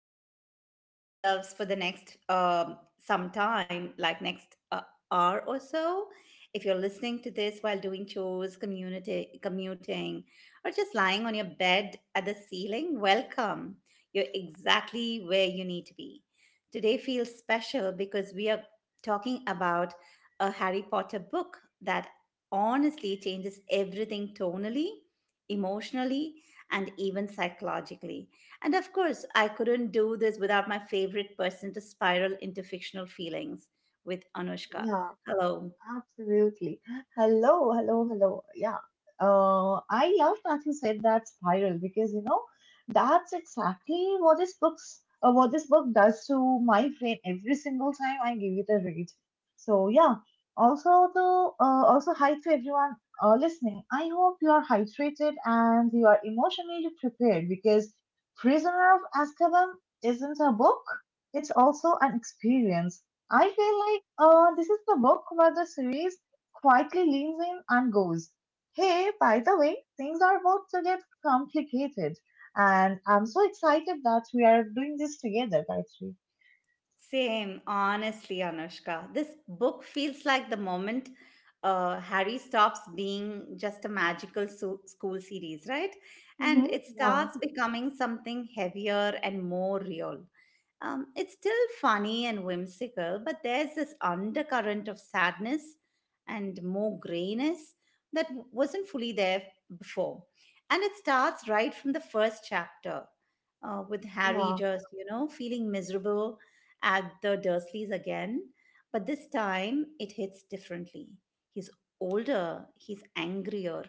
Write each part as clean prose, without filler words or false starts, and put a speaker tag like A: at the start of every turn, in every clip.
A: completely lose ourselves for the next some time, like next hour or so, if you're listening to this while doing chores, community commuting, or just lying on your bed at the ceiling, welcome. You're exactly where you need to be. Today feels special because we are talking about a Harry Potter book that honestly changes everything tonally, emotionally and even psychologically. And of course, I couldn't do this without my favorite person to spiral into fictional feelings with Anushka.
B: Yeah,
A: Hello.
B: absolutely. Hello, hello, hello. Yeah. I love that you said that spiral because that's exactly what this book's what this book does to my brain every single time I give it a read. So yeah. Also the also hi to everyone listening. I hope you are hydrated and you are emotionally prepared because Prisoner of Azkaban isn't a book; it's also an experience. I feel like this is the book where the series quietly leans in and goes, "Hey, by the way, things are about to get complicated." And I'm so excited that we are doing this together, Gayatri.
A: Same, honestly, Anushka. This book feels like the moment Harry stops being just a magical school series, right? And
B: Mm-hmm.
A: it
B: Yeah,
A: starts becoming something heavier and more real. It's still funny and whimsical, but there's this undercurrent of sadness and more grayness that wasn't fully there before. And it starts right from the first chapter with Harry
B: yeah.
A: just, feeling miserable at the Dursleys again. But this time it hits differently. He's older, he's angrier,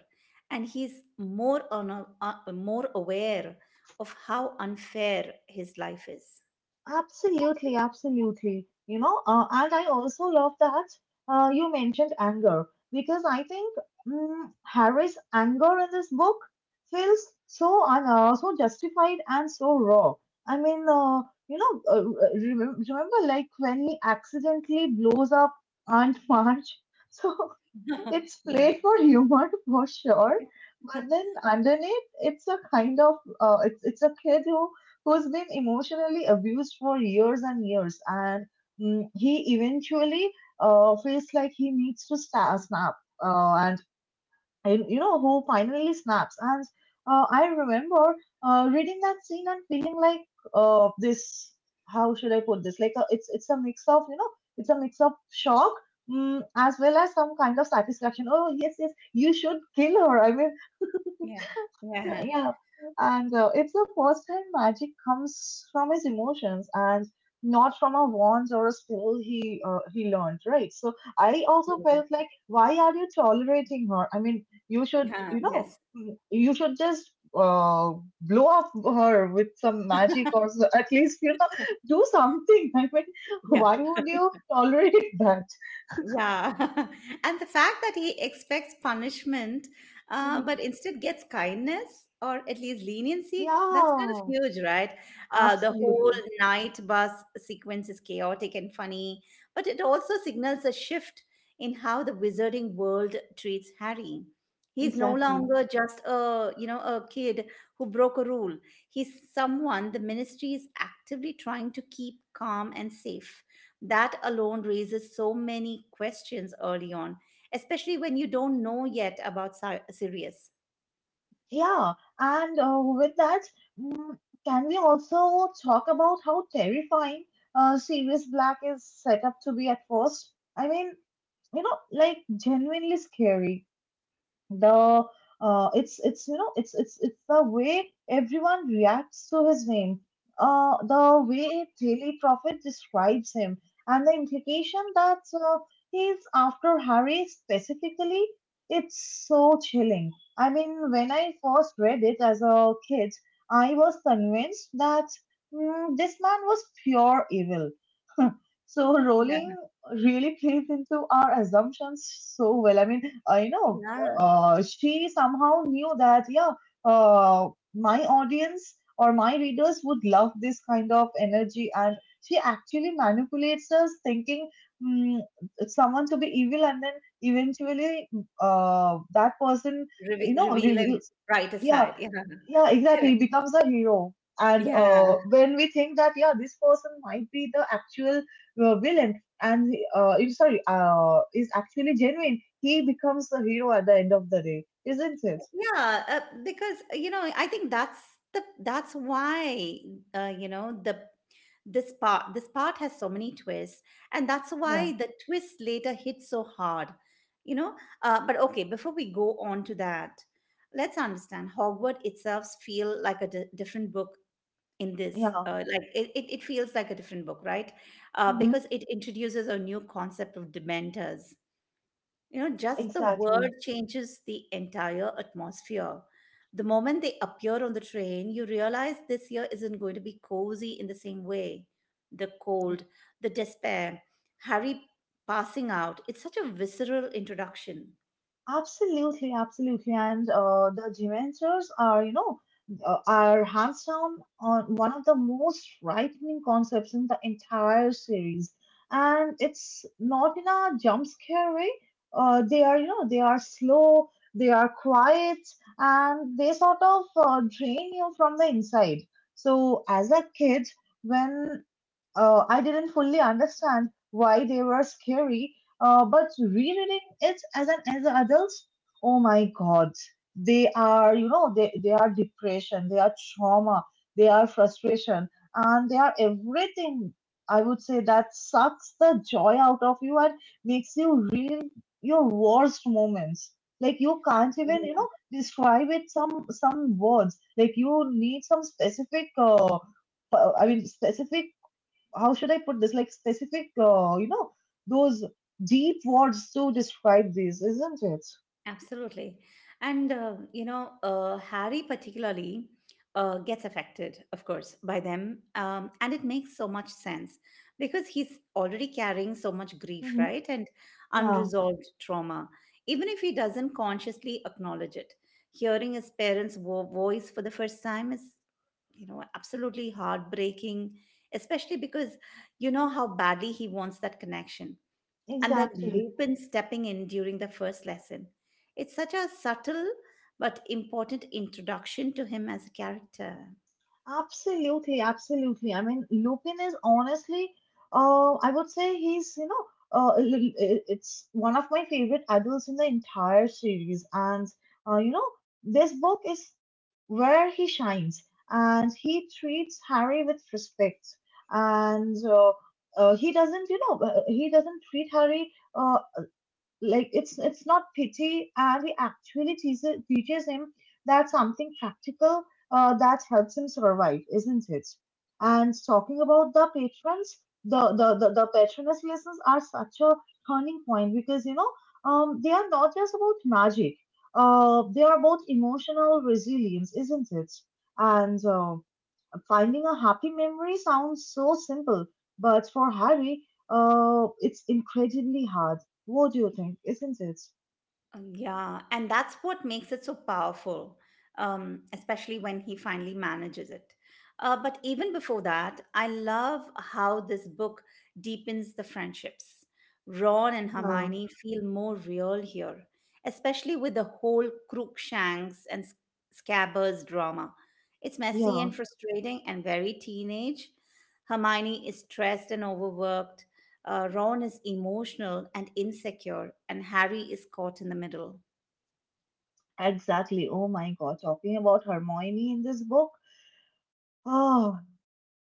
A: and he's more aware of how unfair his life is.
B: Absolutely, absolutely. And I also love that you mentioned anger because I think Harry's anger in this book feels so justified and so raw. I mean, uh, you know, uh, remember like when he accidentally blows up Aunt March? So
A: Yeah.
B: it's played for humor for sure,
A: Yeah.
B: but then underneath, it's a kind of— it's a kid who's been emotionally abused for years and years, and he eventually feels like he needs to sta snap. And you you know, who finally snaps. And I remember reading that scene and feeling like this. How should I put this? Like a, it's— it's a mix of It's a mix of shock. Mm, as well as some kind of satisfaction. Oh yes, yes, you should kill her. I mean,
A: Yeah. Yeah.
B: yeah. And it's the first time magic comes from his emotions and not from a wand or a spell he learned, right? So I also felt like, why are you tolerating her? I mean, you should,
A: Yeah.
B: you know,
A: Yes.
B: you should just uh, blow up her with some magic or so, at least, you know, do something. I mean,
A: Yeah.
B: why would you tolerate that?
A: Yeah. And the fact that he expects punishment,
B: Mhm.
A: but instead gets kindness or at least leniency, that's kind of
B: Yeah,
A: huge, right? The whole
B: absolutely,
A: night bus sequence is chaotic and funny, but it also signals a shift in how the wizarding world treats Harry. He's no
B: exactly.
A: longer just a kid who broke a rule. He's someone the ministry is actively trying to keep calm and safe, that alone raises so many questions early on, especially when you don't know yet about Sirius.
B: Yeah, and with that, mm, can we also talk about how terrifying Sirius Black is set up to be at first? I mean, you know, like genuinely scary. The uh, it's it's you know it's the way everyone reacts to his name, the way Daily Prophet describes him, and the implication that he's after Harry specifically. It's so chilling. I mean, when I first read it as a kid, I was convinced that this man was pure evil. So Rowling
A: Yeah.
B: really plays into our assumptions so well. I mean, I know
A: Yeah,
B: she somehow knew that, yeah, uh, my audience or my readers would love this kind of energy, and she actually manipulates us thinking mm, someone to be evil and then eventually that person, you know,
A: Reveal and
B: reveals—
A: brighter
B: yeah,
A: side. Yeah,
B: yeah,
A: correct.
B: exactly, becomes a hero. And
A: Yeah.
B: when we think that, yeah, this person might be the actual villain, and I sorry, is actually genuine, he becomes the hero at the end of the day, isn't it?
A: Yeah, because I think that's the that's why you know the this part has so many twists, and that's
B: Yeah,
A: why the twist later hits so hard. You know, but okay, before we go on to that, let's understand Hogwarts itself feel like a different book in this.
B: yeah.
A: Like it feels like a different book, right? Uh,
B: Hmm.
A: because it introduces a new concept of Dementors. Just the word
B: Exactly.
A: changes the entire atmosphere. The moment they appear on the train, you realize this year isn't going to be cozy in the same way. The cold, the despair, Harry passing out. It's such a visceral introduction.
B: Absolutely, absolutely. And the Dementors are, you know, are hands down on one of the most frightening concepts in the entire series. And it's not in a jump scare way. They are, you know, they are slow, they are quiet, and they sort of drain you from the inside. So as a kid, when I didn't fully understand why they were scary, but rereading it as an adult, oh my God, they are, you know, they are depression, they are trauma, they are frustration, and they are everything. I would say that sucks the joy out of you and makes you relive your worst moments. Like you can't even, you know, describe it, some words. Like you need some specific. I mean, specific— how should I put this? Like specific, you know, those deep words to describe this, isn't it?
A: Absolutely. And Harry particularly gets affected, of course, by them. And it makes so much sense because he's already carrying so much grief,
B: Hmm.
A: right? And
B: Yeah,
A: unresolved trauma, even if he doesn't consciously acknowledge it. Hearing his parents' voice for the first time is, absolutely heartbreaking, especially because you know how badly he wants that connection and then
B: exactly.
A: Lupin stepping in during the first lesson. It's such a subtle but important introduction to him as a character.
B: Absolutely, absolutely. I mean, Lupin is honestly, I would say he's, you know, it's one of my favorite adults in the entire series. And, you know, this book is where he shines, and he treats Harry with respect. And he doesn't, you know, he doesn't treat Harry. Like it's— it's not pity, and he actually teaches him that— something practical that helps him survive, isn't it? And talking about the patrons, the patroness lessons are such a turning point because, you know, um, they are not just about magic. They are about emotional resilience, isn't it? And finding a happy memory sounds so simple, but for Harry, it's incredibly hard. What do you think, isn't it?
A: Yeah, and that's what makes it so powerful, especially when he finally manages it. But even before that, I love how this book deepens the friendships. Ron and
B: Yeah.
A: Hermione feel more real here, especially with the whole Crookshanks and Scabbers drama. It's messy
B: Yeah,
A: and frustrating and very teenage. Hermione is stressed and overworked. Ron is emotional and insecure, and Harry is caught in the middle.
B: exactly. Oh my God, talking about Hermione in this book. Oh,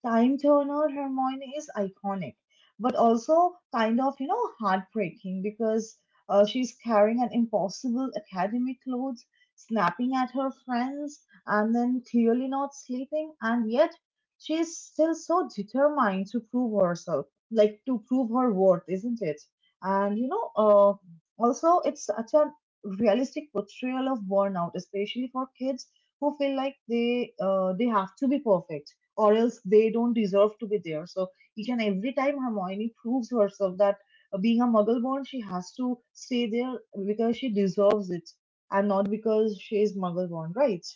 B: Time Turner Hermione is iconic, but also kind of, you know, heartbreaking because she's carrying an impossible academic load, snapping at her friends, and then clearly not sleeping, and yet she's still so determined to prove herself, like to prove her worth, isn't it? And, you know, also it's such a realistic portrayal of burnout, especially for kids who feel like they have to be perfect or else they don't deserve to be there. So each and every time Hermione proves herself that being a muggle born, she has to stay there because she deserves it and not because she is muggle born, right?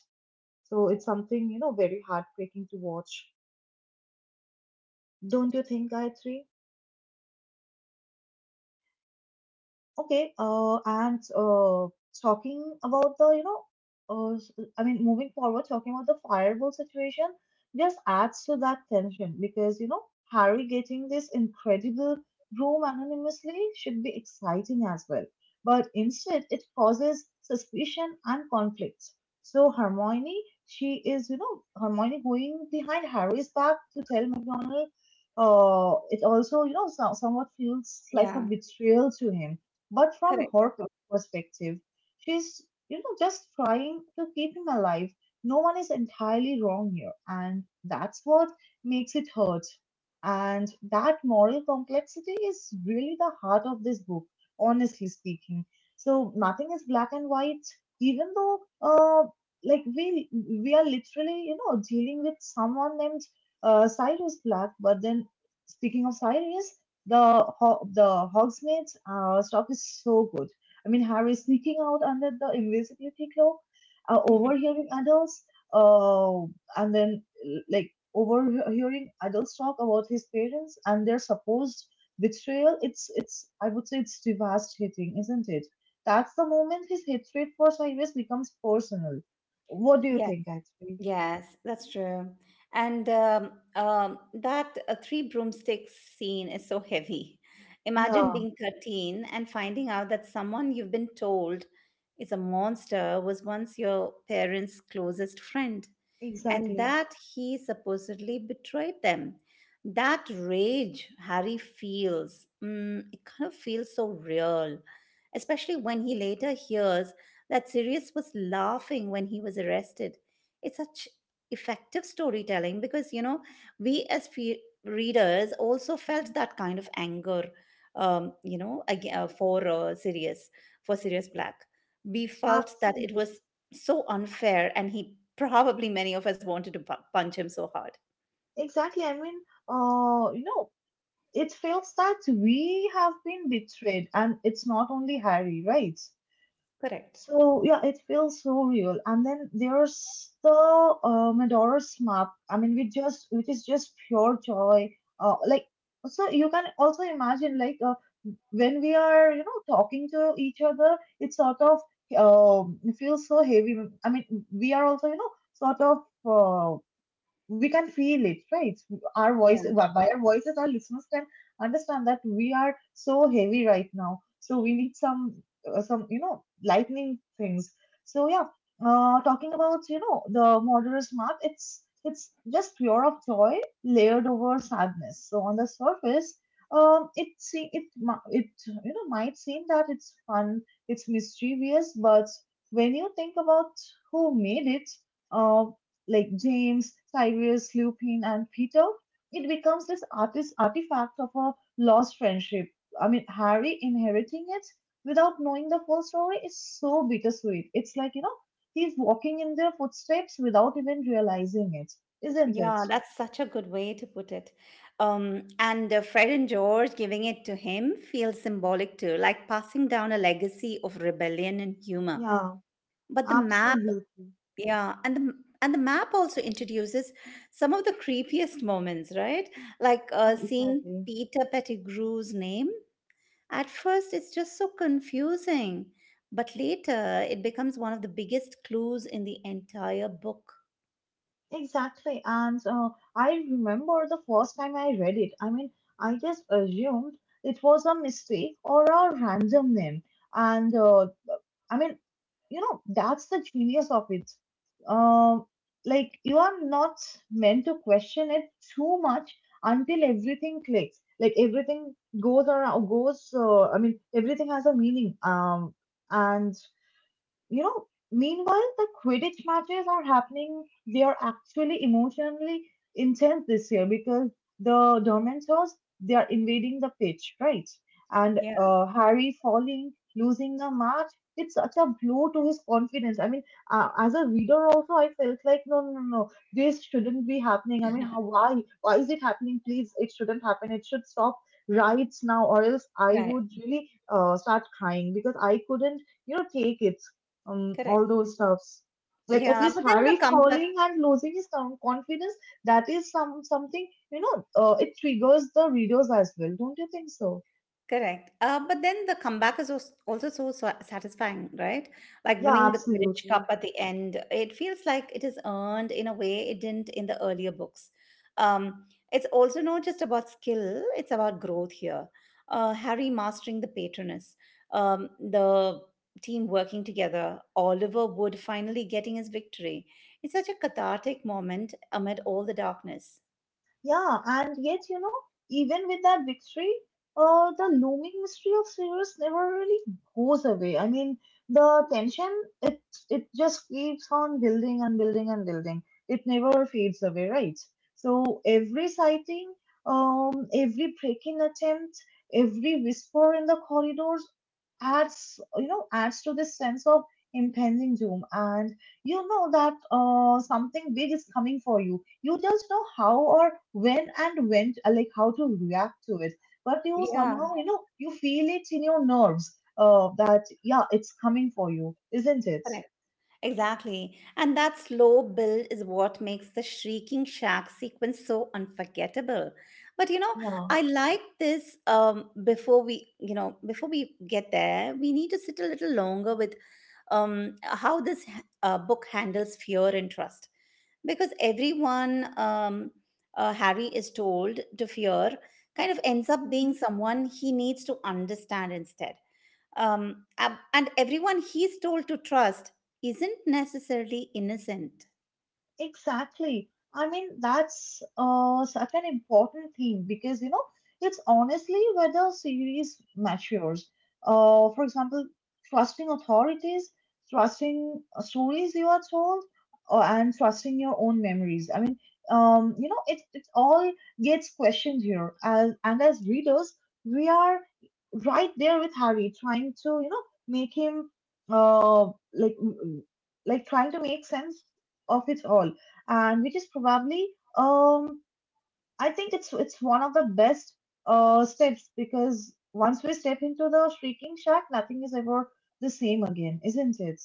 B: So it's something, you know, very heartbreaking to watch. Don't you think, Gayatri? Okay, and talking about the, you know, uh, s- I mean, moving forward, talking about the fireball situation just adds to that tension because, you know, Harry getting this incredible room anonymously should be exciting as well. But instead, it causes suspicion and conflict. So Hermione, she is, you know, Hermione going behind Harry's back to tell McDonald. It also, you know, so, somewhat feels like a
A: Yeah,
B: betrayal to him, but from
A: correct.
B: her perspective, she's, you know, just trying to keep him alive. No one is entirely wrong here, and that's what makes it hurt. And that moral complexity is really the heart of this book, honestly speaking. So nothing is black and white, even though, like we are literally, you know, dealing with someone named Cyrus Black. But then, speaking of Cyrus, the the Hogsmeade's stuff is so good. I mean, Harry sneaking out under the invisibility cloak, overhearing adults, uh, and then like overhearing adults talk about his parents and their supposed betrayal. It's— it's I would say it's devastating, isn't it? That's the moment his hatred for Cyrus becomes personal. What do you
A: Yes,
B: think, actually?
A: yes, that's true. And that Three Broomsticks scene is so heavy. Imagine
B: Yeah,
A: being 13 and finding out that someone you've been told is a monster was once your parents' closest friend. And
B: exactly.
A: that he supposedly betrayed them. That rage Harry feels, it kind of feels so real, especially when he later hears that Sirius was laughing when he was arrested. It's such effective storytelling because, we as readers also
B: Mhm.
A: felt that kind of anger, um, you know, ag- uh, for uh, Sirius, for Sirius Black. We felt that it was
B: Absolutely.
A: so unfair and he probably many of us wanted to punch him so hard.
B: Exactly. I mean, you know, it feels that we have been betrayed, and it's not only Harry, right?
A: Correct.
B: So yeah, it feels so real. And then there's the Medora's map. I mean, we just— which is just pure joy. Uh, like so you can also imagine, like, when we are, you know, talking to each other, it sort of feels so heavy. I mean, we are also, you know, sort of, we can feel it, right? Our voice,
A: Yeah,
B: by our voices, our listeners can understand that we are so heavy right now. So we need some, some, you know, lightning things. So yeah, talking about, you know, the murderer's map, it's— it's just pure of joy layered over sadness. So on the surface, it you know might seem that it's fun, it's mischievous, but when you think about who made it, uh, like James, Cyrus, Lupin, and Peter, it becomes this artist artifact of a lost friendship. I mean, Harry inheriting it without knowing the full story is so bittersweet. It's like, you know, he's walking in their footsteps without even realizing it, isn't it?
A: yeah, that's such a good way to put it. And Fred and George giving it to him feels symbolic too, like passing down a legacy of rebellion and humor.
B: Yeah,
A: But the map
B: absolutely.
A: Yeah, and the map also introduces some of the creepiest moments, right? Like seeing
B: Exactly.
A: Peter Pettigrew's name. At first, it's just so confusing, but later it becomes one of the biggest clues in the entire book.
B: Exactly. And I remember the first time I read it. I mean, I just assumed it was a mistake or a random name. And I mean, you know, that's the genius of it. Um, like, you are not meant to question it too much until everything clicks. Like, everything goes around, goes, I mean, everything has a meaning. And you know, meanwhile, the Quidditch matches are happening. They are actually emotionally intense this year because the Dementors, they are invading the pitch, right? And
A: Yeah,
B: Harry falling, losing the match. It's such a blow to his confidence. I mean, as a reader also, I felt like, no, no, no, no, this shouldn't be happening. I mean, how, why? Why is it happening? Please, it shouldn't happen. It should stop right now, or else I
A: right.
B: would really start crying because I couldn't, you know, take it, all
A: Correct.
B: those stuffs. Like at
A: Yeah.
B: least
A: but then the
B: Harry falling and losing his confidence, that is something you know. It triggers the readers as well, don't you think so?
A: Correct. But then the comeback is also so satisfying, right? Like
B: Yeah,
A: winning the Quidditch Cup
B: absolutely.
A: at the end. It feels like it is earned in a way it didn't in the earlier books. Um, it's also not just about skill, it's about growth here. Harry mastering the Patronus. The team working together, Oliver Wood finally getting his victory. It's such a cathartic moment amid all the darkness.
B: Yeah, and yet, you know, even with that victory, the looming mystery of Sirius never really goes away. I mean, the tension, it it just keeps on building and building and building. It never fades away, right? So every sighting, every break-in attempt, every whisper in the corridors adds, adds to this sense of impending doom, and you know that something big is coming for you, you just know how or when and like how to react to it. But you
A: Yeah,
B: somehow, you know, you feel it in your nerves that, yeah, it's coming for you, isn't it?
A: correct. Exactly. And that slow build is what makes the Shrieking Shack sequence so unforgettable. But,
B: Yeah.
A: I like this, before we get there, we need to sit a little longer with how this book handles fear and trust. Because everyone Harry is told to fear kind of ends up being
B: Mm-hmm.
A: someone he needs to understand instead. And everyone he's told to trust isn't necessarily innocent.
B: Exactly. I mean, that's such an important thing because, you know, it's honestly where the series matures. For example, trusting authorities, trusting stories you are told, or, and trusting your own memories. I mean, you know, it all gets questioned here. As, and as readers, we are right there with Harry, trying to, you know, make him uh, like, like trying to make sense of it all, and which is probably um I think it's one of the best steps because once we step into the Shrieking Shack, nothing is ever the same again, isn't it?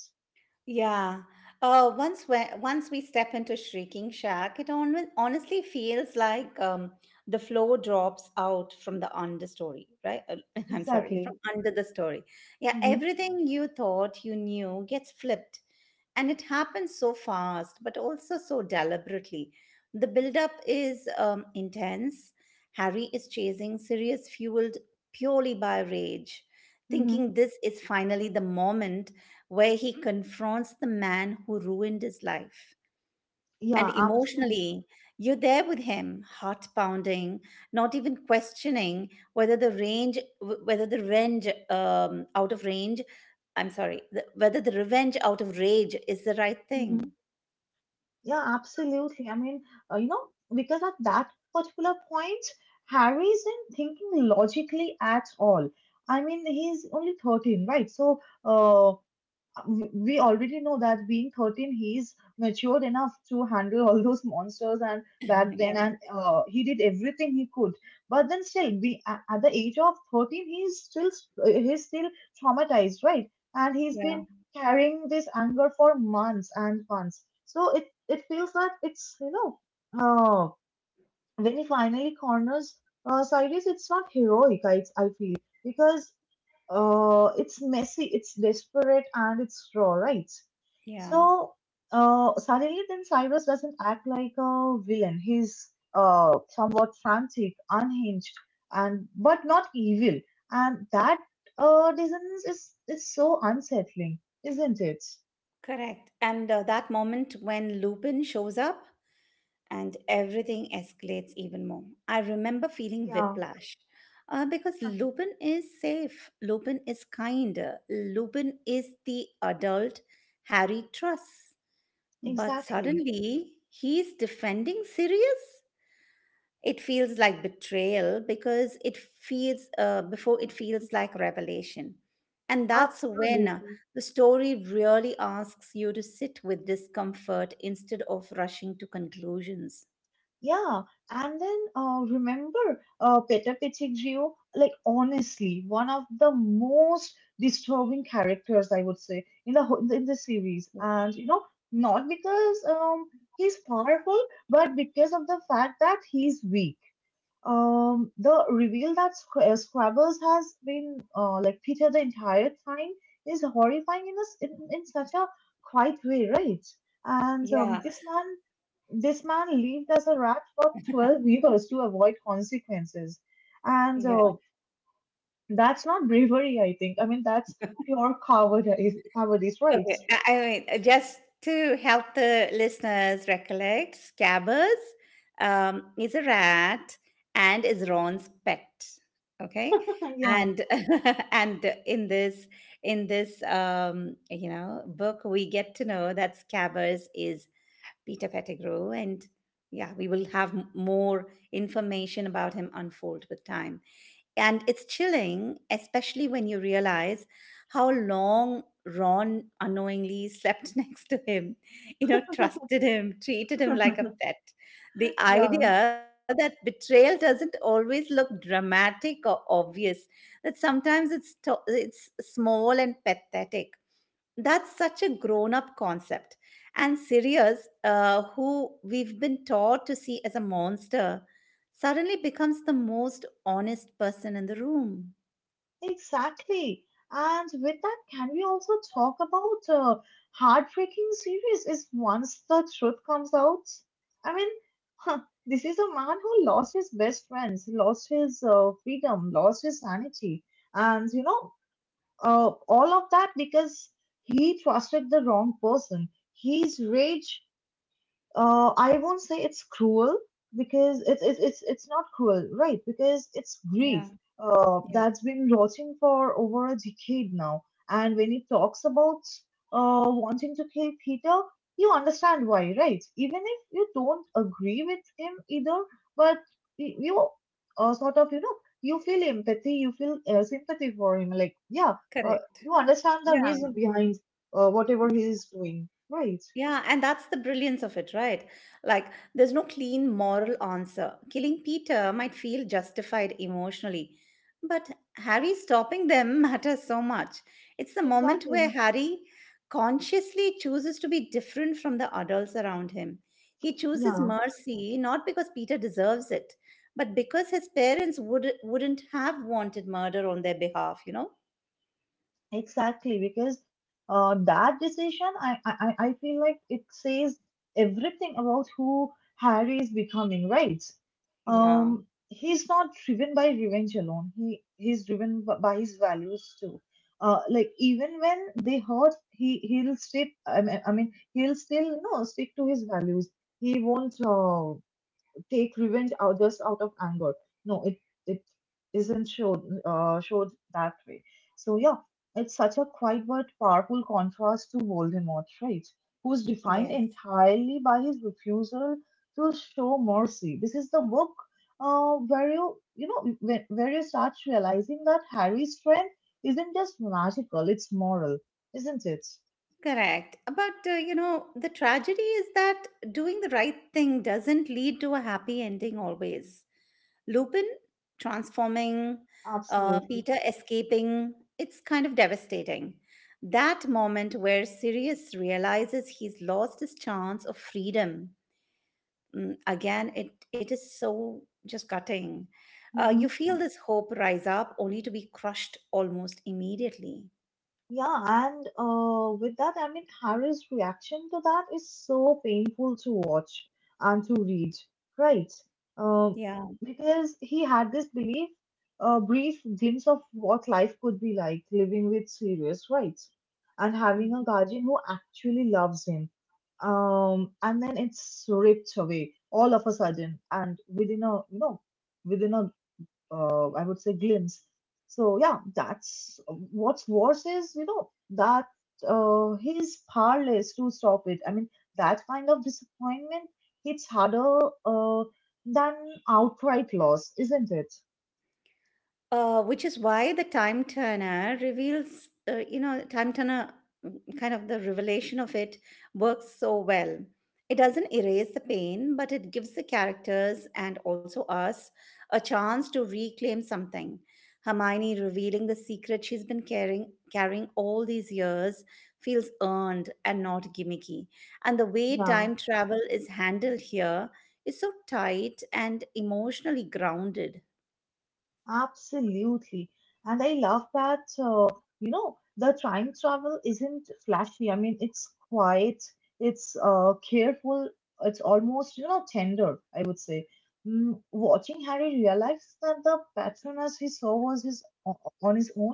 A: Yeah. Once we step into Shrieking Shack, it honestly feels like the floor drops out from the understory, right? I'm sorry,
B: Exactly.
A: from under the story. Yeah,
B: Mm-hmm.
A: everything you thought you knew gets flipped, and it happens so fast, but also so deliberately. The buildup is intense. Harry is chasing Sirius, fueled purely by rage,
B: Mm-hmm.
A: thinking this is finally the moment where he confronts the man who ruined his life. And
B: Yeah, absolutely.
A: emotionally, you're there with him, heart pounding, not even questioning whether the range out of range, I'm sorry, the, whether the revenge out of rage is the right
B: Mm-hmm.
A: thing.
B: Yeah, absolutely. I mean, you know, because at that particular point, Harry isn't thinking logically at all. I mean, he's only 13, right? So, we already know that being 13 he's matured enough to handle all those monsters and back then
A: Yeah,
B: and he did everything he could but then still be at the age of 13 he's still traumatized, right? And he's
A: yeah,
B: been carrying this anger for months and months, so it feels that it's, you know, uh, when he finally corners Cyrus, it's not heroic, I feel, because it's messy, it's desperate, and it's raw, right?
A: yeah.
B: So suddenly, then Cyrus doesn't act like a villain. He's somewhat frantic, unhinged, and but not evil. And that dissonance is so unsettling, isn't it?
A: Correct. And that moment when Lupin shows up and everything escalates even more. I remember feeling
B: Yeah,
A: whiplash because Lupin is safe, Lupin is kind, Lupin is the adult Harry trusts. But
B: exactly,
A: suddenly, he's defending Sirius? It feels like betrayal because it feels before it feels like revelation. And that's when
B: absolutely.
A: the story really asks you to sit with discomfort instead of rushing to conclusions.
B: Yeah, and then remember Peter Pettigrew, like honestly, one of the most disturbing characters I would say in the in the series,
A: Yeah.
B: and you know not because he's powerful, but because of the fact that he's weak. The reveal that Scrabble's has been like Peter the entire time is horrifying in this in such a quiet way, right? And
A: Yeah.
B: this man lived as a rat for 12 years to avoid consequences, and
A: Yeah.
B: that's not bravery, I think. I mean, that's pure cowardice, right?
A: Okay, I mean, just to help the listeners recollect, Scabbers is a rat and is Ron's pet. Okay,
B: Yeah,
A: and and in this book, we get to know that Scabbers is Peter Pettigrew, and yeah, we will have more information about him unfold with time. And it's chilling, especially when you realize how long Ron unknowingly slept next to him, trusted him, treated him like a pet. The
B: yeah.
A: idea that betrayal doesn't always look dramatic or obvious, that sometimes it's small and pathetic. That's such a grown up concept. And Sirius, who we've been taught to see as a monster, suddenly becomes the most honest person in the room.
B: Exactly. And with that, can we also talk about heartbreaking series is once the truth comes out? I mean, huh, this is a man who lost his best friends, lost his freedom, lost his sanity, and you know, all of that because he trusted the wrong person. His rage, I won't say it's cruel because it's not cruel, right? Because it's
A: Yeah,
B: grief
A: yeah,
B: that's been rotting for over a decade now. And when he talks about wanting to kill Peter, you understand why, right? Even if you don't agree with him either, but you sort of, you know, you feel empathy, you feel sympathy for him. Like yeah,
A: correct.
B: you understand the
A: Yeah,
B: reason behind whatever he is doing, right?
A: yeah, and that's the brilliance of it, right? Like, there's no clean moral answer. Killing Peter might feel justified emotionally, but Harry stopping them matters so much. It's the moment where
B: Exactly.
A: Harry consciously chooses to be different from the adults around him. He chooses
B: Yeah.
A: mercy not because Peter deserves it, but because his parents wouldn't have wanted murder on their behalf, you know?
B: Exactly, because that decision, I feel like it says everything about who Harry is becoming, right?
A: Yeah,
B: He's not driven by revenge alone. He's driven by his values too. Like even when they hurt, he'll stick. I mean, he'll still, you know, stick to his values. He won't take revenge out just out of anger. No, it isn't showed that way. So yeah, it's such a quiet but powerful contrast to Voldemort, right? Who's defined
A: yes.
B: entirely by his refusal to show mercy. This is the book where you know where you start realizing that Harry's strength isn't just magical; it's moral, isn't it?
A: Correct. But the tragedy is that doing the right thing doesn't lead to a happy ending always. Lupin transforming,
B: Absolutely.
A: Peter escaping, it's kind of devastating. That moment where Sirius realizes he's lost his chance of freedom, again, it is so just gutting. You
B: Mm-hmm.
A: feel this hope rise up only to be crushed almost immediately.
B: Yeah, and with that, I mean, Harry's reaction to that is so painful to watch and to read, right? Uh,
A: Yeah.
B: because he had this belief, a brief glimpse of what life could be like living with Sirius, right? And having a guardian who actually loves him. And then it's ripped away all of a sudden, and within a, you know, within a I would say, glimpse. So yeah, that's what's worse is you know that he's powerless to stop it. I mean, that kind of disappointment hits harder uh, than outright loss, isn't it?
A: Which is why the time turner reveals, you know, time turner mm, kind of the revelation of it works so well. It doesn't erase the pain, but it gives the characters and also us a chance to reclaim something. Hermione revealing the secret she's been carrying all these years feels earned and not gimmicky. And the way
B: Yeah.
A: time travel is handled here is so tight and emotionally grounded.
B: Absolutely. And I love that, you know, the time travel isn't flashy. I mean, it's quiet, it's careful, it's almost, you know, tender, I would say. Mm, watching Harry realize that the patronus he saw was his on his own.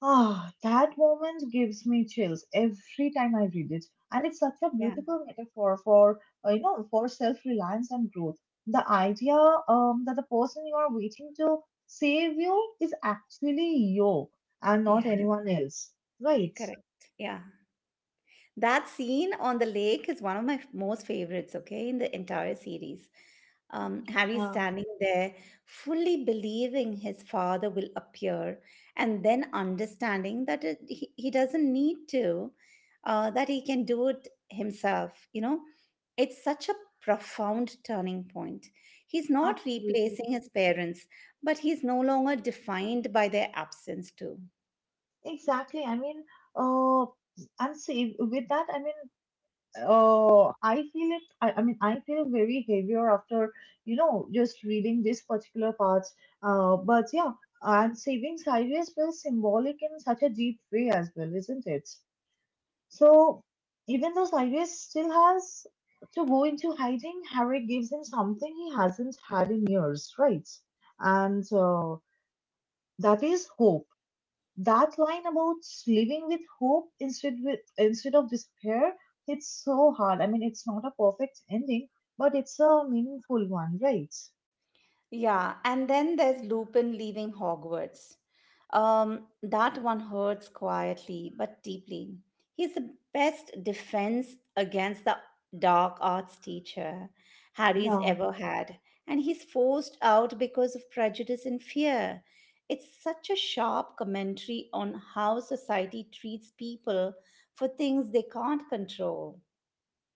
B: Ah, that moment gives me chills every time I read it, and it's such a
A: Yeah,
B: beautiful metaphor for you know for self-reliance and growth. The idea that the person you are waiting to save you is actually you and not
A: yeah,
B: anyone else, right?
A: correct. Yeah, that scene on the lake is one of my most favorites, okay, in the entire series. Harry's
B: Yeah,
A: standing there, fully believing his father will appear, and then understanding that he doesn't need to, that he can do it himself. It's such a profound turning point. He's not
B: absolutely.
A: replacing his parents, but he's no longer defined by their absence, too.
B: Exactly. I mean, uh, and save with that. I mean, I feel it. I mean, I feel very heavier after you know just reading this particular parts. But yeah, and savings highways feels symbolic in such a deep way as well, isn't it? So even though highways still has to go into hiding, Harry gives him something he hasn't had in years, right? And that is hope, that line about living with hope instead of despair hits so hard. I mean, it's not a perfect ending, but it's a meaningful one, right?
A: Yeah, and then there's Lupin leaving Hogwarts. That one hurts quietly but deeply. He's the best defense against the dark arts teacher Harry's
B: Yeah.
A: ever had, and he's forced out because of prejudice and fear. It's such a sharp commentary on how society treats people for things they can't control.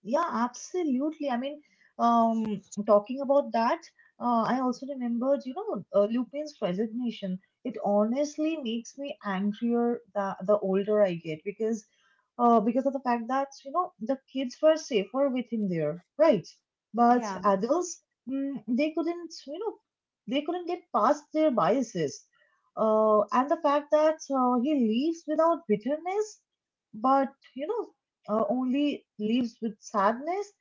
B: Yeah, absolutely. I mean, um, talking about that, I also remembered, you know, Lupin's resignation. It honestly makes me angrier the older I get because of the fact that you know the kids were safer with him there, right? But
A: Yeah,
B: adults, mm, they couldn't, you know, they couldn't get past their biases, and the fact that he leaves without bitterness. But you know, only leaves with sadness.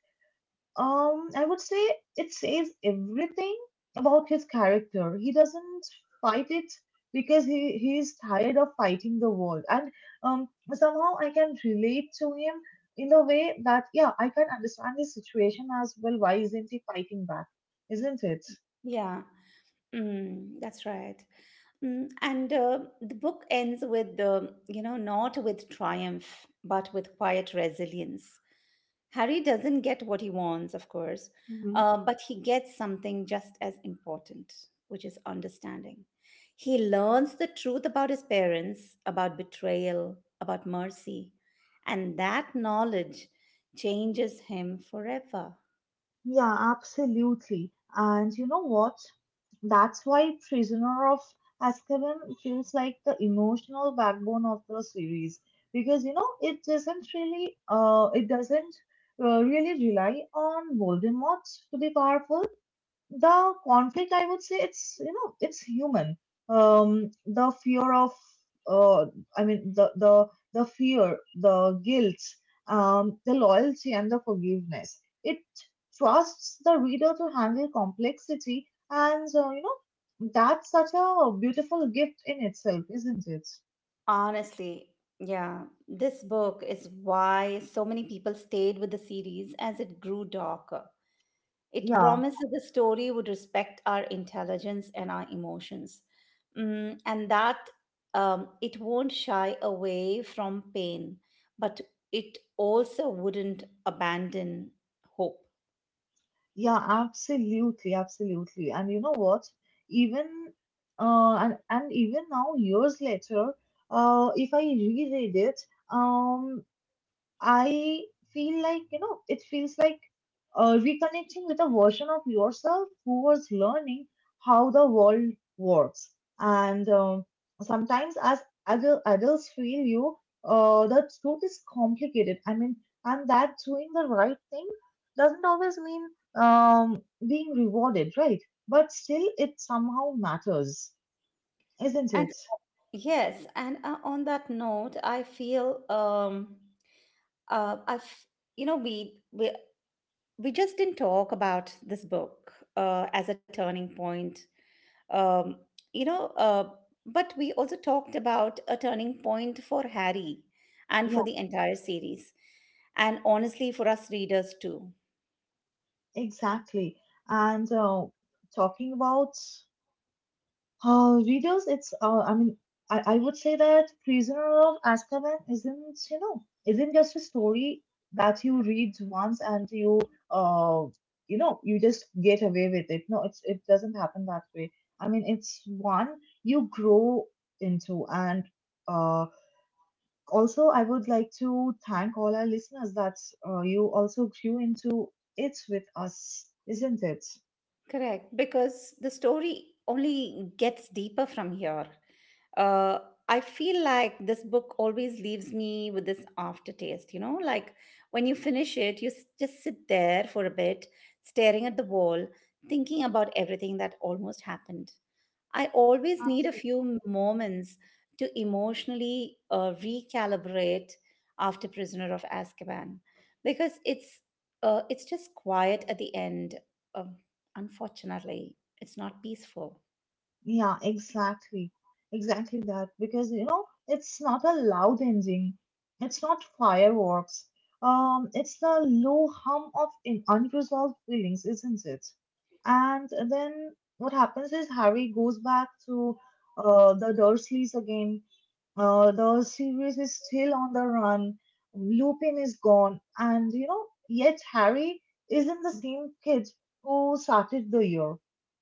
B: I would say it says everything about his character. He doesn't fight it because he is tired of fighting the world, and somehow I can relate to him in the way that yeah, I can understand his situation as well. Why isn't he fighting back? Isn't it?
A: yeah. Mm, that's right. Mm, and the book ends with, you know, not with triumph, but with quiet resilience. Harry doesn't get what he wants, of course, but he gets something just as important, which is understanding. He learns the truth about his parents, about betrayal, about mercy, and that knowledge changes him forever.
B: Yeah, absolutely. And you know what? That's why Prisoner of Azkaban feels like the emotional backbone of the series because you know it doesn't really rely on Voldemort to be powerful, the conflict I would say it's you know it's human, the fear of uh I mean the fear, the guilt, the loyalty and the forgiveness, it trusts the reader to handle complexity, and you know that's such a beautiful gift in itself, isn't it?
A: Honestly, yeah, this book is why so many people stayed with the series as it grew darker. It
B: Yeah.
A: promises the story would respect our intelligence and our emotions. Mm, and that it won't shy away from pain, but it also wouldn't abandon hope.
B: Yeah, absolutely, absolutely. And you know what? Even uh, and even now, years later, if I reread it, um, I feel like, you know, it feels like reconnecting with a version of yourself who was learning how the world works. And sometimes, as adults feel you, the truth is complicated. I mean, and that doing the right thing doesn't always mean um, being rewarded, right? But still, it somehow matters, isn't
A: And
B: it?
A: Yes, and on that note, I feel I've you know we just didn't talk about this book as a turning point, um, you know, but we also talked about a turning point for Harry and
B: Yeah,
A: for the entire series and honestly for us readers too.
B: exactly. And talking about readers, it's I mean, I would say that Prisoner of Azkaban isn't, you know, isn't just a story that you read once and you uh, you know, you just get away with it. No, it's it doesn't happen that way. I mean, it's one you grow into, and uh, also I would like to thank all our listeners that you also grew into it with us, isn't it?
A: Correct, because the story only gets deeper from here. Uh, I feel like this book always leaves me with this aftertaste, you know, like when you finish it, just sit there for a bit, staring at the wall, thinking about everything that almost happened. I always need a few moments to emotionally recalibrate after Prisoner of Azkaban because it's just quiet at the end. Um, Unfortunately, it's not peaceful.
B: Yeah, exactly. Exactly that. Because, you know, it's not a loud engine. It's not fireworks. It's the low hum of in unresolved feelings, isn't it? And then what happens is Harry goes back to the Dursleys again. The series is still on the run. Lupin is gone. And, you know, yet Harry isn't the same kid who started the year.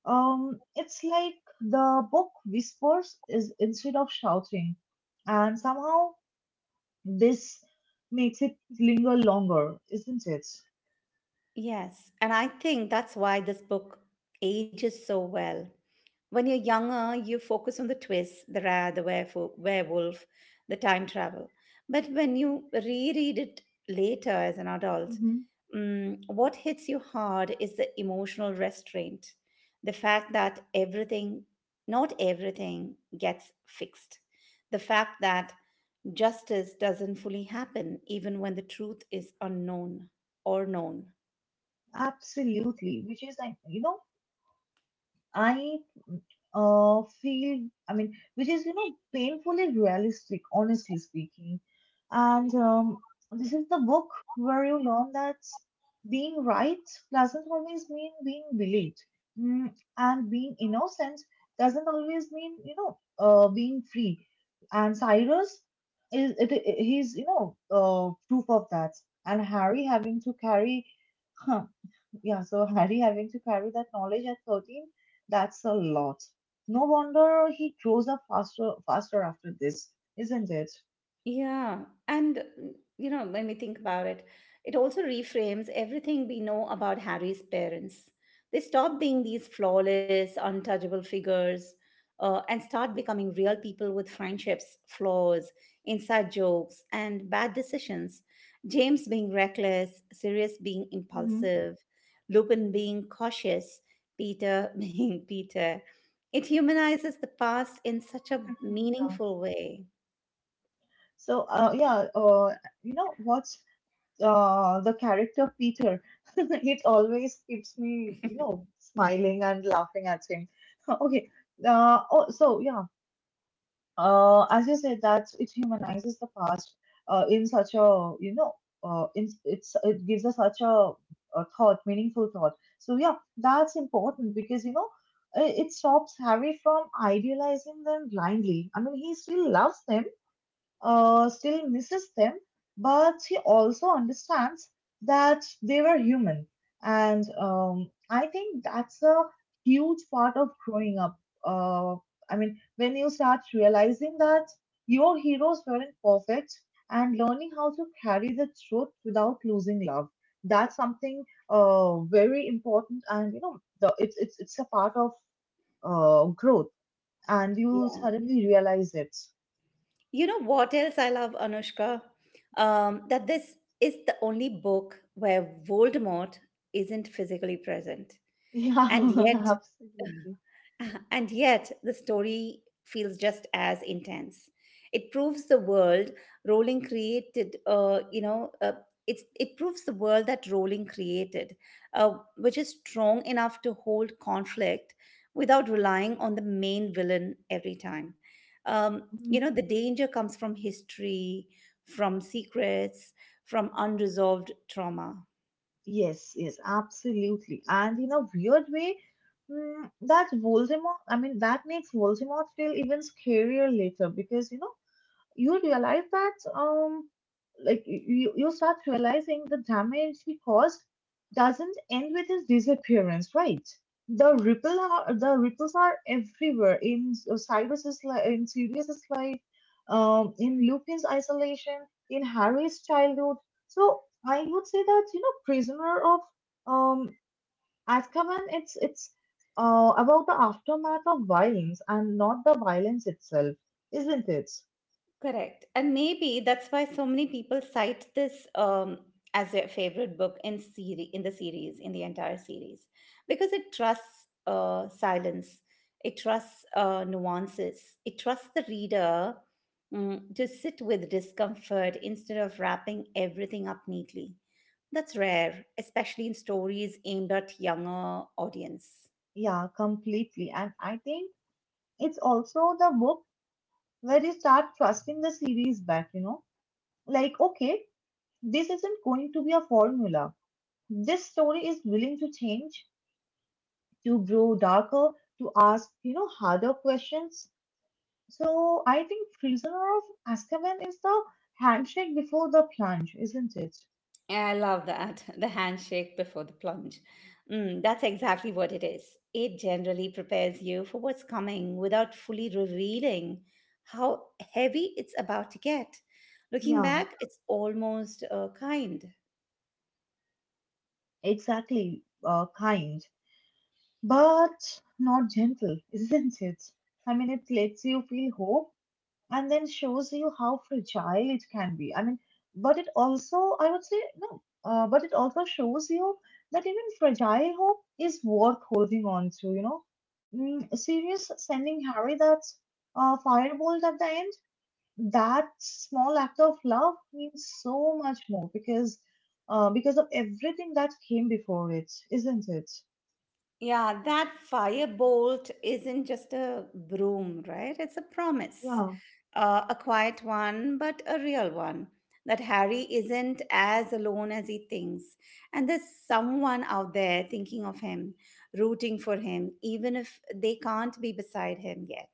B: It's like the book whispers is instead of shouting, and somehow this makes it linger longer, isn't it?
A: Yes, and I think that's why this book ages so well. When you're younger, you focus on the twist, the rat, werewolf, the time travel. But when you reread it later as an adult,
B: Mhm.
A: mm, what hits you hard is the emotional restraint, the fact that not everything, gets fixed, the fact that justice doesn't fully happen even when the truth is unknown or known.
B: Absolutely, which is like, you know, I feel, I mean, which is, you know, painfully realistic, honestly speaking. And This is the book where you learn that being right doesn't always mean being believed, mm, and being innocent doesn't always mean, being free. And Cyrus is, he's, proof of that. And Harry having to carry Yeah, so Harry having to carry that knowledge at 13, that's a lot. No wonder he grows up faster after this, isn't it?
A: Yeah, and mm, you know, when we think about it, it also reframes everything we know about Harry's parents. They stop being these flawless, untouchable figures and start becoming real people with friendships, flaws, inside jokes, and bad decisions. James being reckless, Sirius being
B: Hmm.
A: impulsive, Lupin being cautious, Peter being Peter. It humanizes the past in such a
B: Yeah.
A: meaningful way.
B: So, uh, yeah, uh, you know what? The character Peter, it always keeps me, you know, smiling and laughing at him. Okay. Oh, so yeah. As you said that it humanizes the past in such a it gives us such a thought meaningful thought. So yeah, that's important because, you know, it stops Harry from idealizing them blindly. I mean, he still loves them, still misses them, but he also understands that they were human. And I think that's a huge part of growing up. Uh, I mean, when you start realizing that your heroes weren't perfect and learning how to carry the truth without losing love. That's something very important, and you know, it's a part of growth, and you suddenly realize it.
A: You know what else I love, Anushka? That this is the only book where Voldemort isn't physically present.
B: Yeah,
A: And yet,
B: absolutely.
A: and yet, the story feels just as intense. It proves the world Rowling created, you know, it's, It proves the world that Rowling created, which is strong enough to hold conflict without relying on the main villain every time. Um, you know,
B: Mhm.
A: the danger comes from history, from secrets, from unresolved trauma.
B: Yes, yes, absolutely. And in a weird way, that makes Voldemort feel even scarier later because, you know, you realize that you start realizing the damage he caused doesn't end with his disappearance, right? The ripples are everywhere in Cyrus's life, in Sirius's life, in Lupin's isolation, in Harry's childhood. So I would say that, you know, Prisoner of um Azkaban, it's about the aftermath of violence and not the violence itself, isn't it?
A: Correct. And maybe that's why so many people cite this as their favorite book in the series, in the entire series, because it trusts silence, it trusts nuances, it trusts the reader mm, to sit with discomfort instead of wrapping everything up neatly. That's rare, especially in stories aimed at younger audience.
B: Yeah, completely. And I think it's also the book where you start trusting the series back, you know? Like, okay, this isn't going to be a formula. This story is willing to change, to grow darker, to ask, you know, harder questions. So I think Prisoner of Azkaban is the handshake before the plunge, isn't it?
A: Yeah, I love that. The handshake before the plunge. Mm, that's exactly what it is. It generally prepares you for what's coming without fully revealing how heavy it's about to get. Looking
B: Yeah,
A: back, it's almost kind.
B: exactly. Kind, but not gentle, isn't it? I mean, it lets you feel hope and then shows you how fragile it can be. I mean, but it also, I would say, no, but it also shows you that even fragile hope is worth holding on to, you know. Mm, Sirius sending Harry that firebolt at the end, that small act of love means so much more because of everything that came before it, isn't it?
A: Yeah, that firebolt isn't just a broom, right? It's a promise.
B: Yeah.
A: A quiet one, but a real one. That Harry isn't as alone as he thinks. And there's someone out there thinking of him, rooting for him, even if they can't be beside him yet.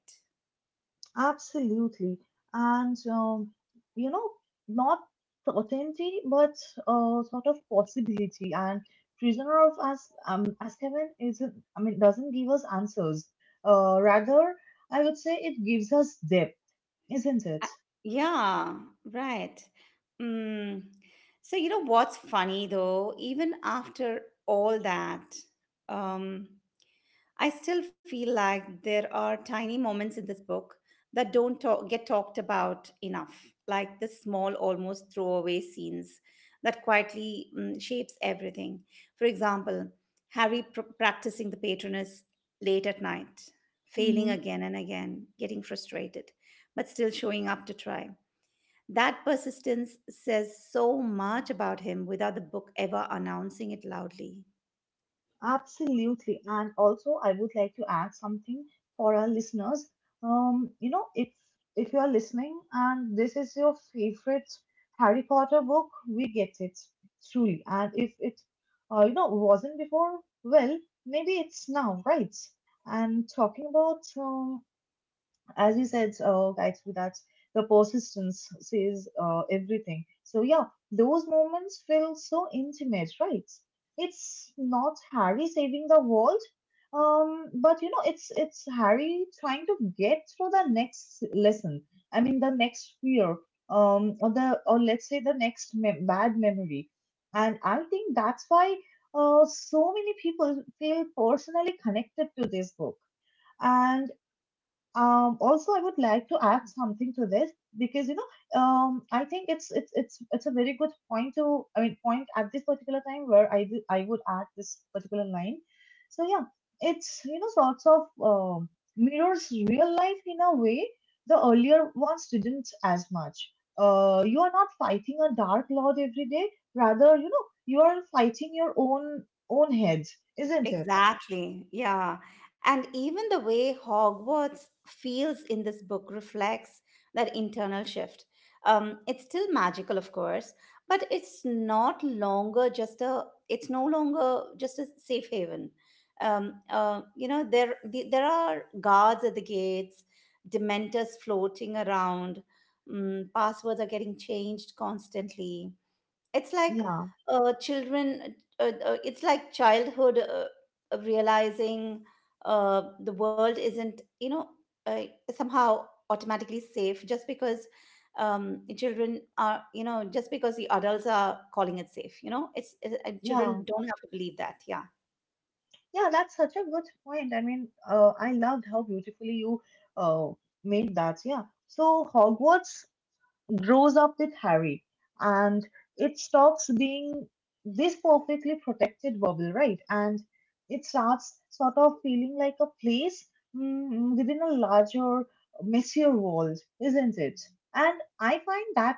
B: Absolutely. And, um, you know, not certainty, but sort of possibility. And Prisoner of As Azkaban isn't, I mean, doesn't give us answers. Rather, I would say, it gives us depth, isn't it?
A: I- Yeah, right. Mm. So, you know what's funny though? Even after all that, um, I still feel like there are tiny moments in this book that don't talk, get talked about enough, like the small, almost throwaway scenes that quietly shapes everything. For example, Harry practicing the patroness late at night, failing
B: Mm-hmm.
A: again and again, getting frustrated, but still showing up to try. That persistence says so much about him without the book ever announcing it loudly.
B: Absolutely. And also, I would like to add something for our listeners. You know, if you are listening and this is your favorite Harry Potter book, we get it truly. And if it, you know, wasn't before, well, maybe it's now, right? And talking about as you said, Gayatri, that the persistence says everything. So yeah, those moments feel so intimate, right? It's not Harry saving the world, but you know, it's Harry trying to get through the next lesson. I mean, the next fear, or let's say the next mem bad memory, and I think that's why so many people feel personally connected to this book. And also I would like to add something to this because, you know, I think it's a very good point to I mean point at this particular time where I would add this particular line. So yeah, it's, you know, sorts of um mirrors real life in a way the earlier ones didn't as much. You are not fighting a dark lord every day, rather, you know, you are fighting your own head, isn't it?
A: Exactly. Yeah. And even the way Hogwarts feels in this book reflects that internal shift. It's still magical, of course, but it's no longer just a safe haven. You know, there are guards at the gates, dementors floating around, mm, passwords are getting changed constantly. It's like
B: Yeah,
A: children it's like childhood of realizing the world isn't you know uh, somehow automatically safe just because children are you know just because the adults are calling it safe you know it's and
B: yeah.
A: children don't have to believe that. Yeah.
B: Yeah, that's such a good point. I mean, I loved how beautifully you uh, made that. Yeah. So Hogwarts grows up with Harry and it stops being this perfectly protected bubble, right? And it starts sort of feeling like a place within a larger, messier world, isn't it? And I find that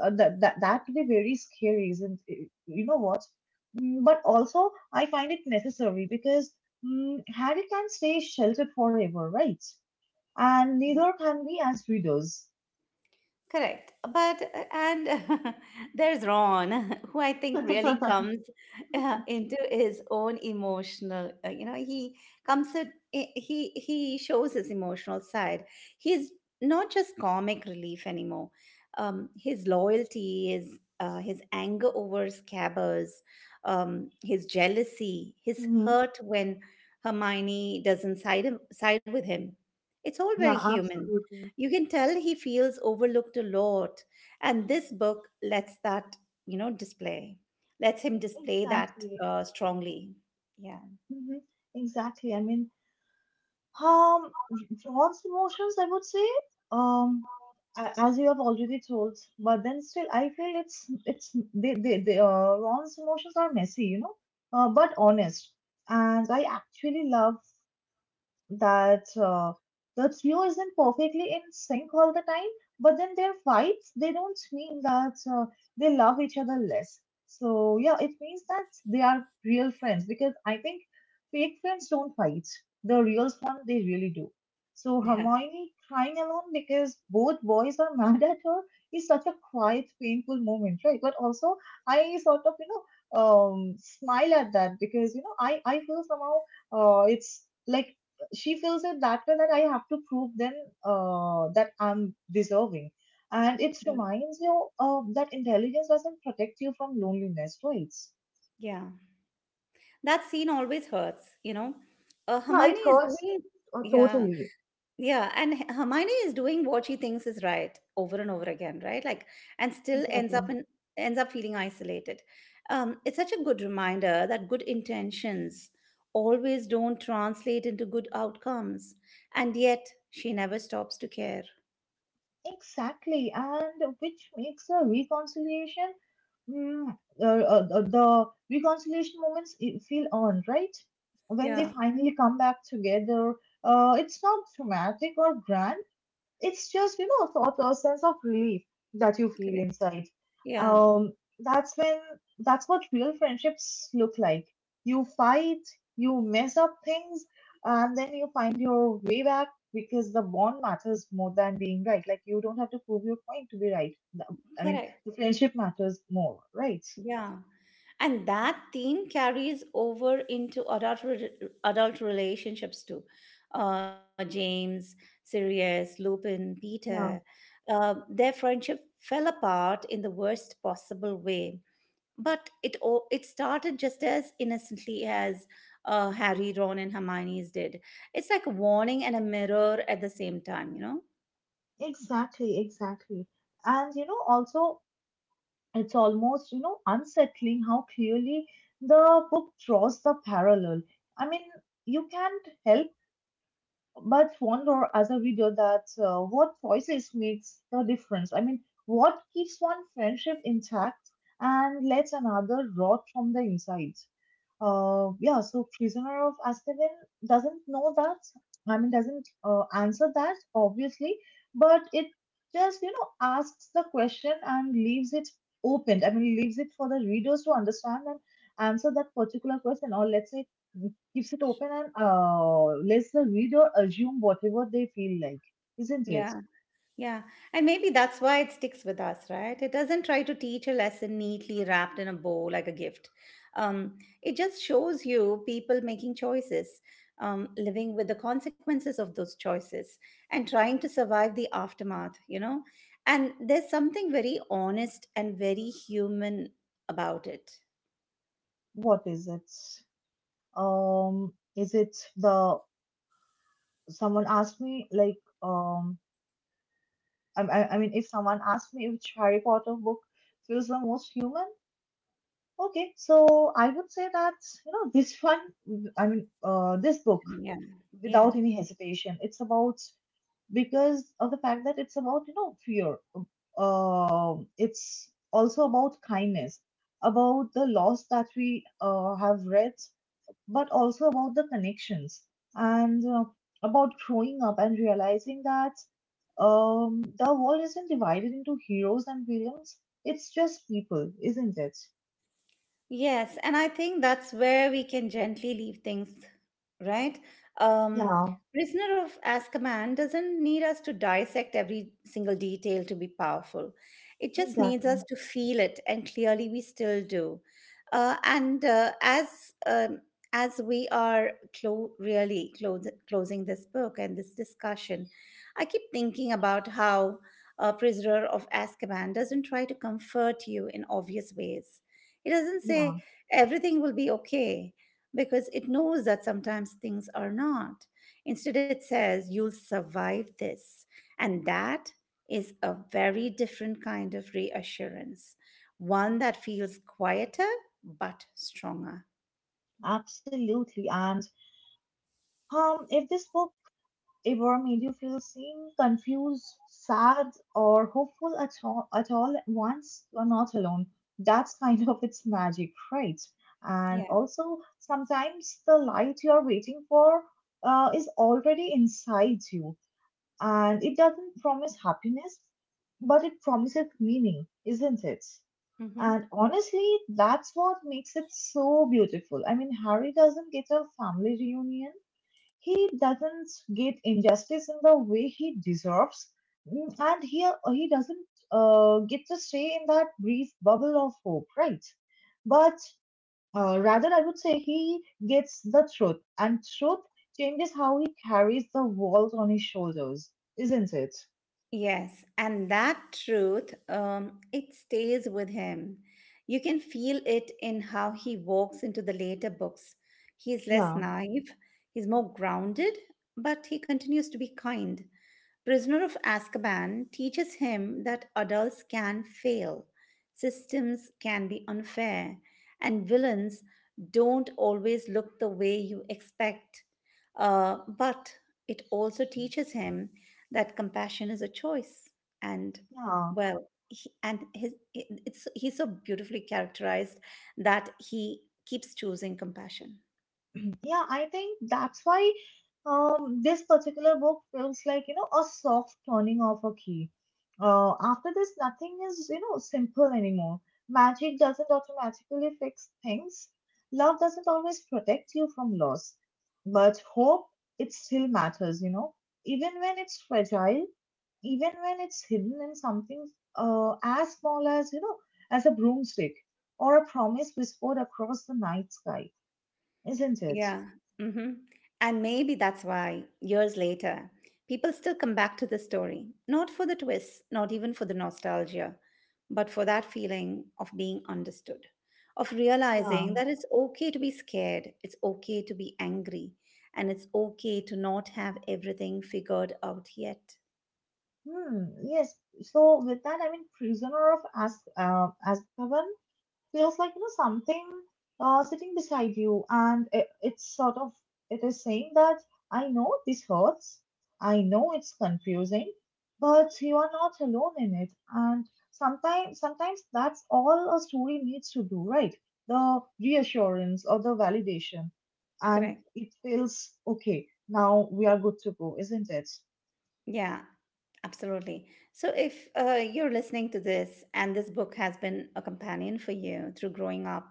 B: uh, that that, that to be very scary, isn't it? You know what? Mm. But also, I find it necessary because, mm, Harry can stay sheltered forever, right? And neither can we as readers.
A: Correct. But, and there's Ron, who I think really comes into his own emotional, you know, he shows his emotional side. He's not just comic relief anymore. His loyalty is. His anger over scabbers, his jealousy, his hurt when Hermione doesn't side with him. It's all very
B: Yeah,
A: human.
B: absolutely.
A: You can tell he feels overlooked a lot, and this book lets that, you know, display, lets him display that
B: Exactly.
A: strongly. Yeah.
B: Hmm. Exactly. I mean, um, John's emotions, I would say, um, as you have already told, but then still, I feel it's they Ron's emotions are messy, you know, but honest. And I actually love that, the trio isn't perfectly in sync all the time, but then their fights, they don't mean that they love each other less. So, yeah, it means that they are real friends because I think fake friends don't fight. The real one, they really do. So,
A: Yeah.
B: Hermione crying alone because both boys are mad at her is such a quiet, painful moment, right? But also, I sort of, you know, smile at that because, you know, I feel somehow it's like she feels it that way, that I have to prove them that I'm deserving. And it
A: Yeah.
B: reminds you that intelligence doesn't protect you from loneliness, right?
A: Yeah. That scene always hurts, you know. Uh,
B: Yeah,
A: Hermione
B: it
A: is
B: hurts
A: doing, yeah.
B: totally.
A: Yeah, and Hermione is doing what she thinks is right over and over again, right? Like, and still ends
B: Exactly.
A: up in ends up feeling isolated. It's such a good reminder that good intentions always don't translate into good outcomes, and yet she never stops to care.
B: Exactly, and which makes the reconciliation, mm, the reconciliation moments feel earned, right? When they
A: Yeah,
B: finally come back together, it's not dramatic or grand. It's just, you know, sort of sense of relief that you feel
A: correct.
B: inside.
A: Yeah,
B: Um, that's when, that's what real friendships look like. You fight, you mess up things, and then you find your way back because the bond matters more than being right. Like, you don't have to prove your point to be right. I mean,
A: correct.
B: the friendship matters more, right?
A: Yeah. And that theme carries over into adult relationships too. James, Sirius, Lupin, Peter,
B: Yeah,
A: their friendship fell apart in the worst possible way. But it started just as innocently as Harry, Ron, and Hermione's did. It's like a warning and a mirror at the same time, you know?
B: exactly, exactly. And you know, also it's almost, you know, unsettling how clearly the book draws the parallel. I mean, you can't help but wonder as a reader that, what choices makes the difference. I mean, what keeps one friendship intact and lets another rot from the inside. Yeah, so Prisoner of Azkaban doesn't know that. I mean, doesn't answer that obviously, but it just, you know, asks the question and leaves it open. I mean, leaves it for the readers to understand and answer that particular question, or let's say, keeps it open and lets the reader assume whatever they feel like, isn't it?
A: Yeah. Yeah, and maybe that's why it sticks with us, right? It doesn't try to teach a lesson neatly wrapped in a bow like a gift. Um, it just shows you people making choices, living with the consequences of those choices, and trying to survive the aftermath, you know? And there's something very honest and very human about it.
B: What is it? Is it the someone asked me like um I mean, If someone asked me which Harry Potter book feels the most human, okay, so I would say that, you know, this one, I mean, this book,
A: Yeah, yeah.
B: without any hesitation, it's about, because of the fact that it's about, you know, fear. It's also about kindness, about the loss that we have read, but also about the connections and about growing up and realizing that, the world isn't divided into heroes and villains. It's just people, isn't it?
A: Yes, and I think that's where we can gently leave things, right? Um,
B: Yeah,
A: Prisoner of Azkaban doesn't need us to dissect every single detail to be powerful. It just needs us
B: exactly.
A: to feel it, and clearly we still do. And um, as we are closing this book and this discussion, I keep thinking about how Prisoner of Azkaban doesn't try to comfort you in obvious ways. It doesn't
B: Yeah,
A: say everything will be okay because it knows that sometimes things are not. Instead, it says you'll survive this. And that is a very different kind of reassurance, one that feels quieter but stronger.
B: absolutely. And If this book ever made you feel seen, confused, sad, or hopeful at all at once, you're not alone. That's kind of its magic, right? And
A: Yeah.
B: also, sometimes the light you're waiting for is already inside you. And it doesn't promise happiness, but it promises meaning, isn't it?
A: Hmm.
B: And honestly, that's what makes it so beautiful. I mean, Harry doesn't get a family reunion, he doesn't get injustice in the way he deserves. Mm, he doesn't get to stay in that brief bubble of hope, right? But rather, I would say, he gets the truth, and truth changes how he carries the world on his shoulders, isn't it?
A: Yes, and that truth, it stays with him. You can feel it in how he walks into the later books. He's less
B: Yeah,
A: naive, he's more grounded, but he continues to be kind. Prisoner of Azkaban teaches him that adults can fail, systems can be unfair, and villains don't always look the way you expect. But it also teaches him that compassion is a choice. And
B: yeah,
A: well, he, and his it's he's so beautifully characterized that he keeps choosing compassion.
B: yeah. I think that's why, this particular book feels like, you know, a soft turning of a key. After this, nothing is, you know, simple anymore. Magic doesn't automatically fix things. Love doesn't always protect you from loss. But hope, it still matters, you know, even when it's fragile, even when it's hidden in something as small as, you know, as a broomstick or a promise whispered across the night sky, isn't it?
A: Yeah. Hmm. And maybe that's why, years later, people still come back to this story, not for the twists, not even for the nostalgia, but for that feeling of being understood, of realizing
B: Yeah.
A: that it's okay to be scared, it's okay to be angry, and it's okay to not have everything figured out yet.
B: Hmm. Yes. So with that, I mean, Prisoner of As Azkaban feels like, you know, something sitting beside you, and it's sort of, it is saying that I know this hurts, I know it's confusing, but you are not alone in it. And sometimes, sometimes that's all a story needs to do, right? The reassurance or the validation, and
A: Correct.
B: it feels okay. Now we are good to go, isn't it?
A: Yeah. Absolutely. So, if you're listening to this and this book has been a companion for you through growing up,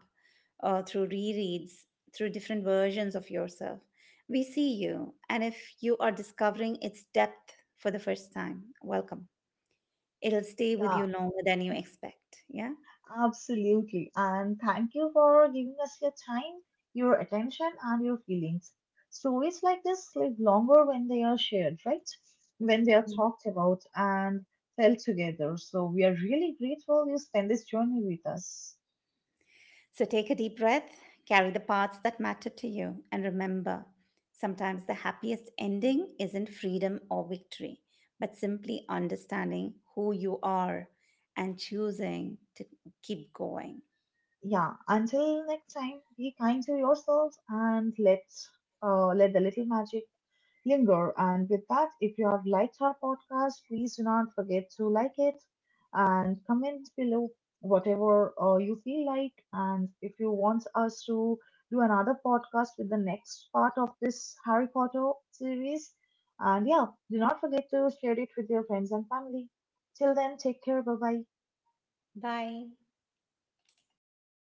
A: through rereads, through different versions of yourself, we see you. And if you are discovering its depth for the first time, welcome. It'll stay with
B: Yeah,
A: you longer than you expect. Yeah.
B: absolutely. And thank you for giving us your time, your attention, and your feelings. Stories like this live longer when they are shared, right? When they are talked about and felt together. So we are really grateful you spend this journey with us.
A: So take a deep breath, carry the parts that matter to you, and remember sometimes the happiest ending isn't freedom or victory, but simply understanding who you are and choosing to keep going.
B: Yeah, until next time, be kind to yourselves and let the little magic linger. And with that, if you have liked our podcast, please do not forget to like it and comment below whatever you feel like. And if you want us to do another podcast with the next part of this Harry Potter series, and yeah, do not forget to share it with your friends and family. Till then, take care. Bye bye.
A: Bye.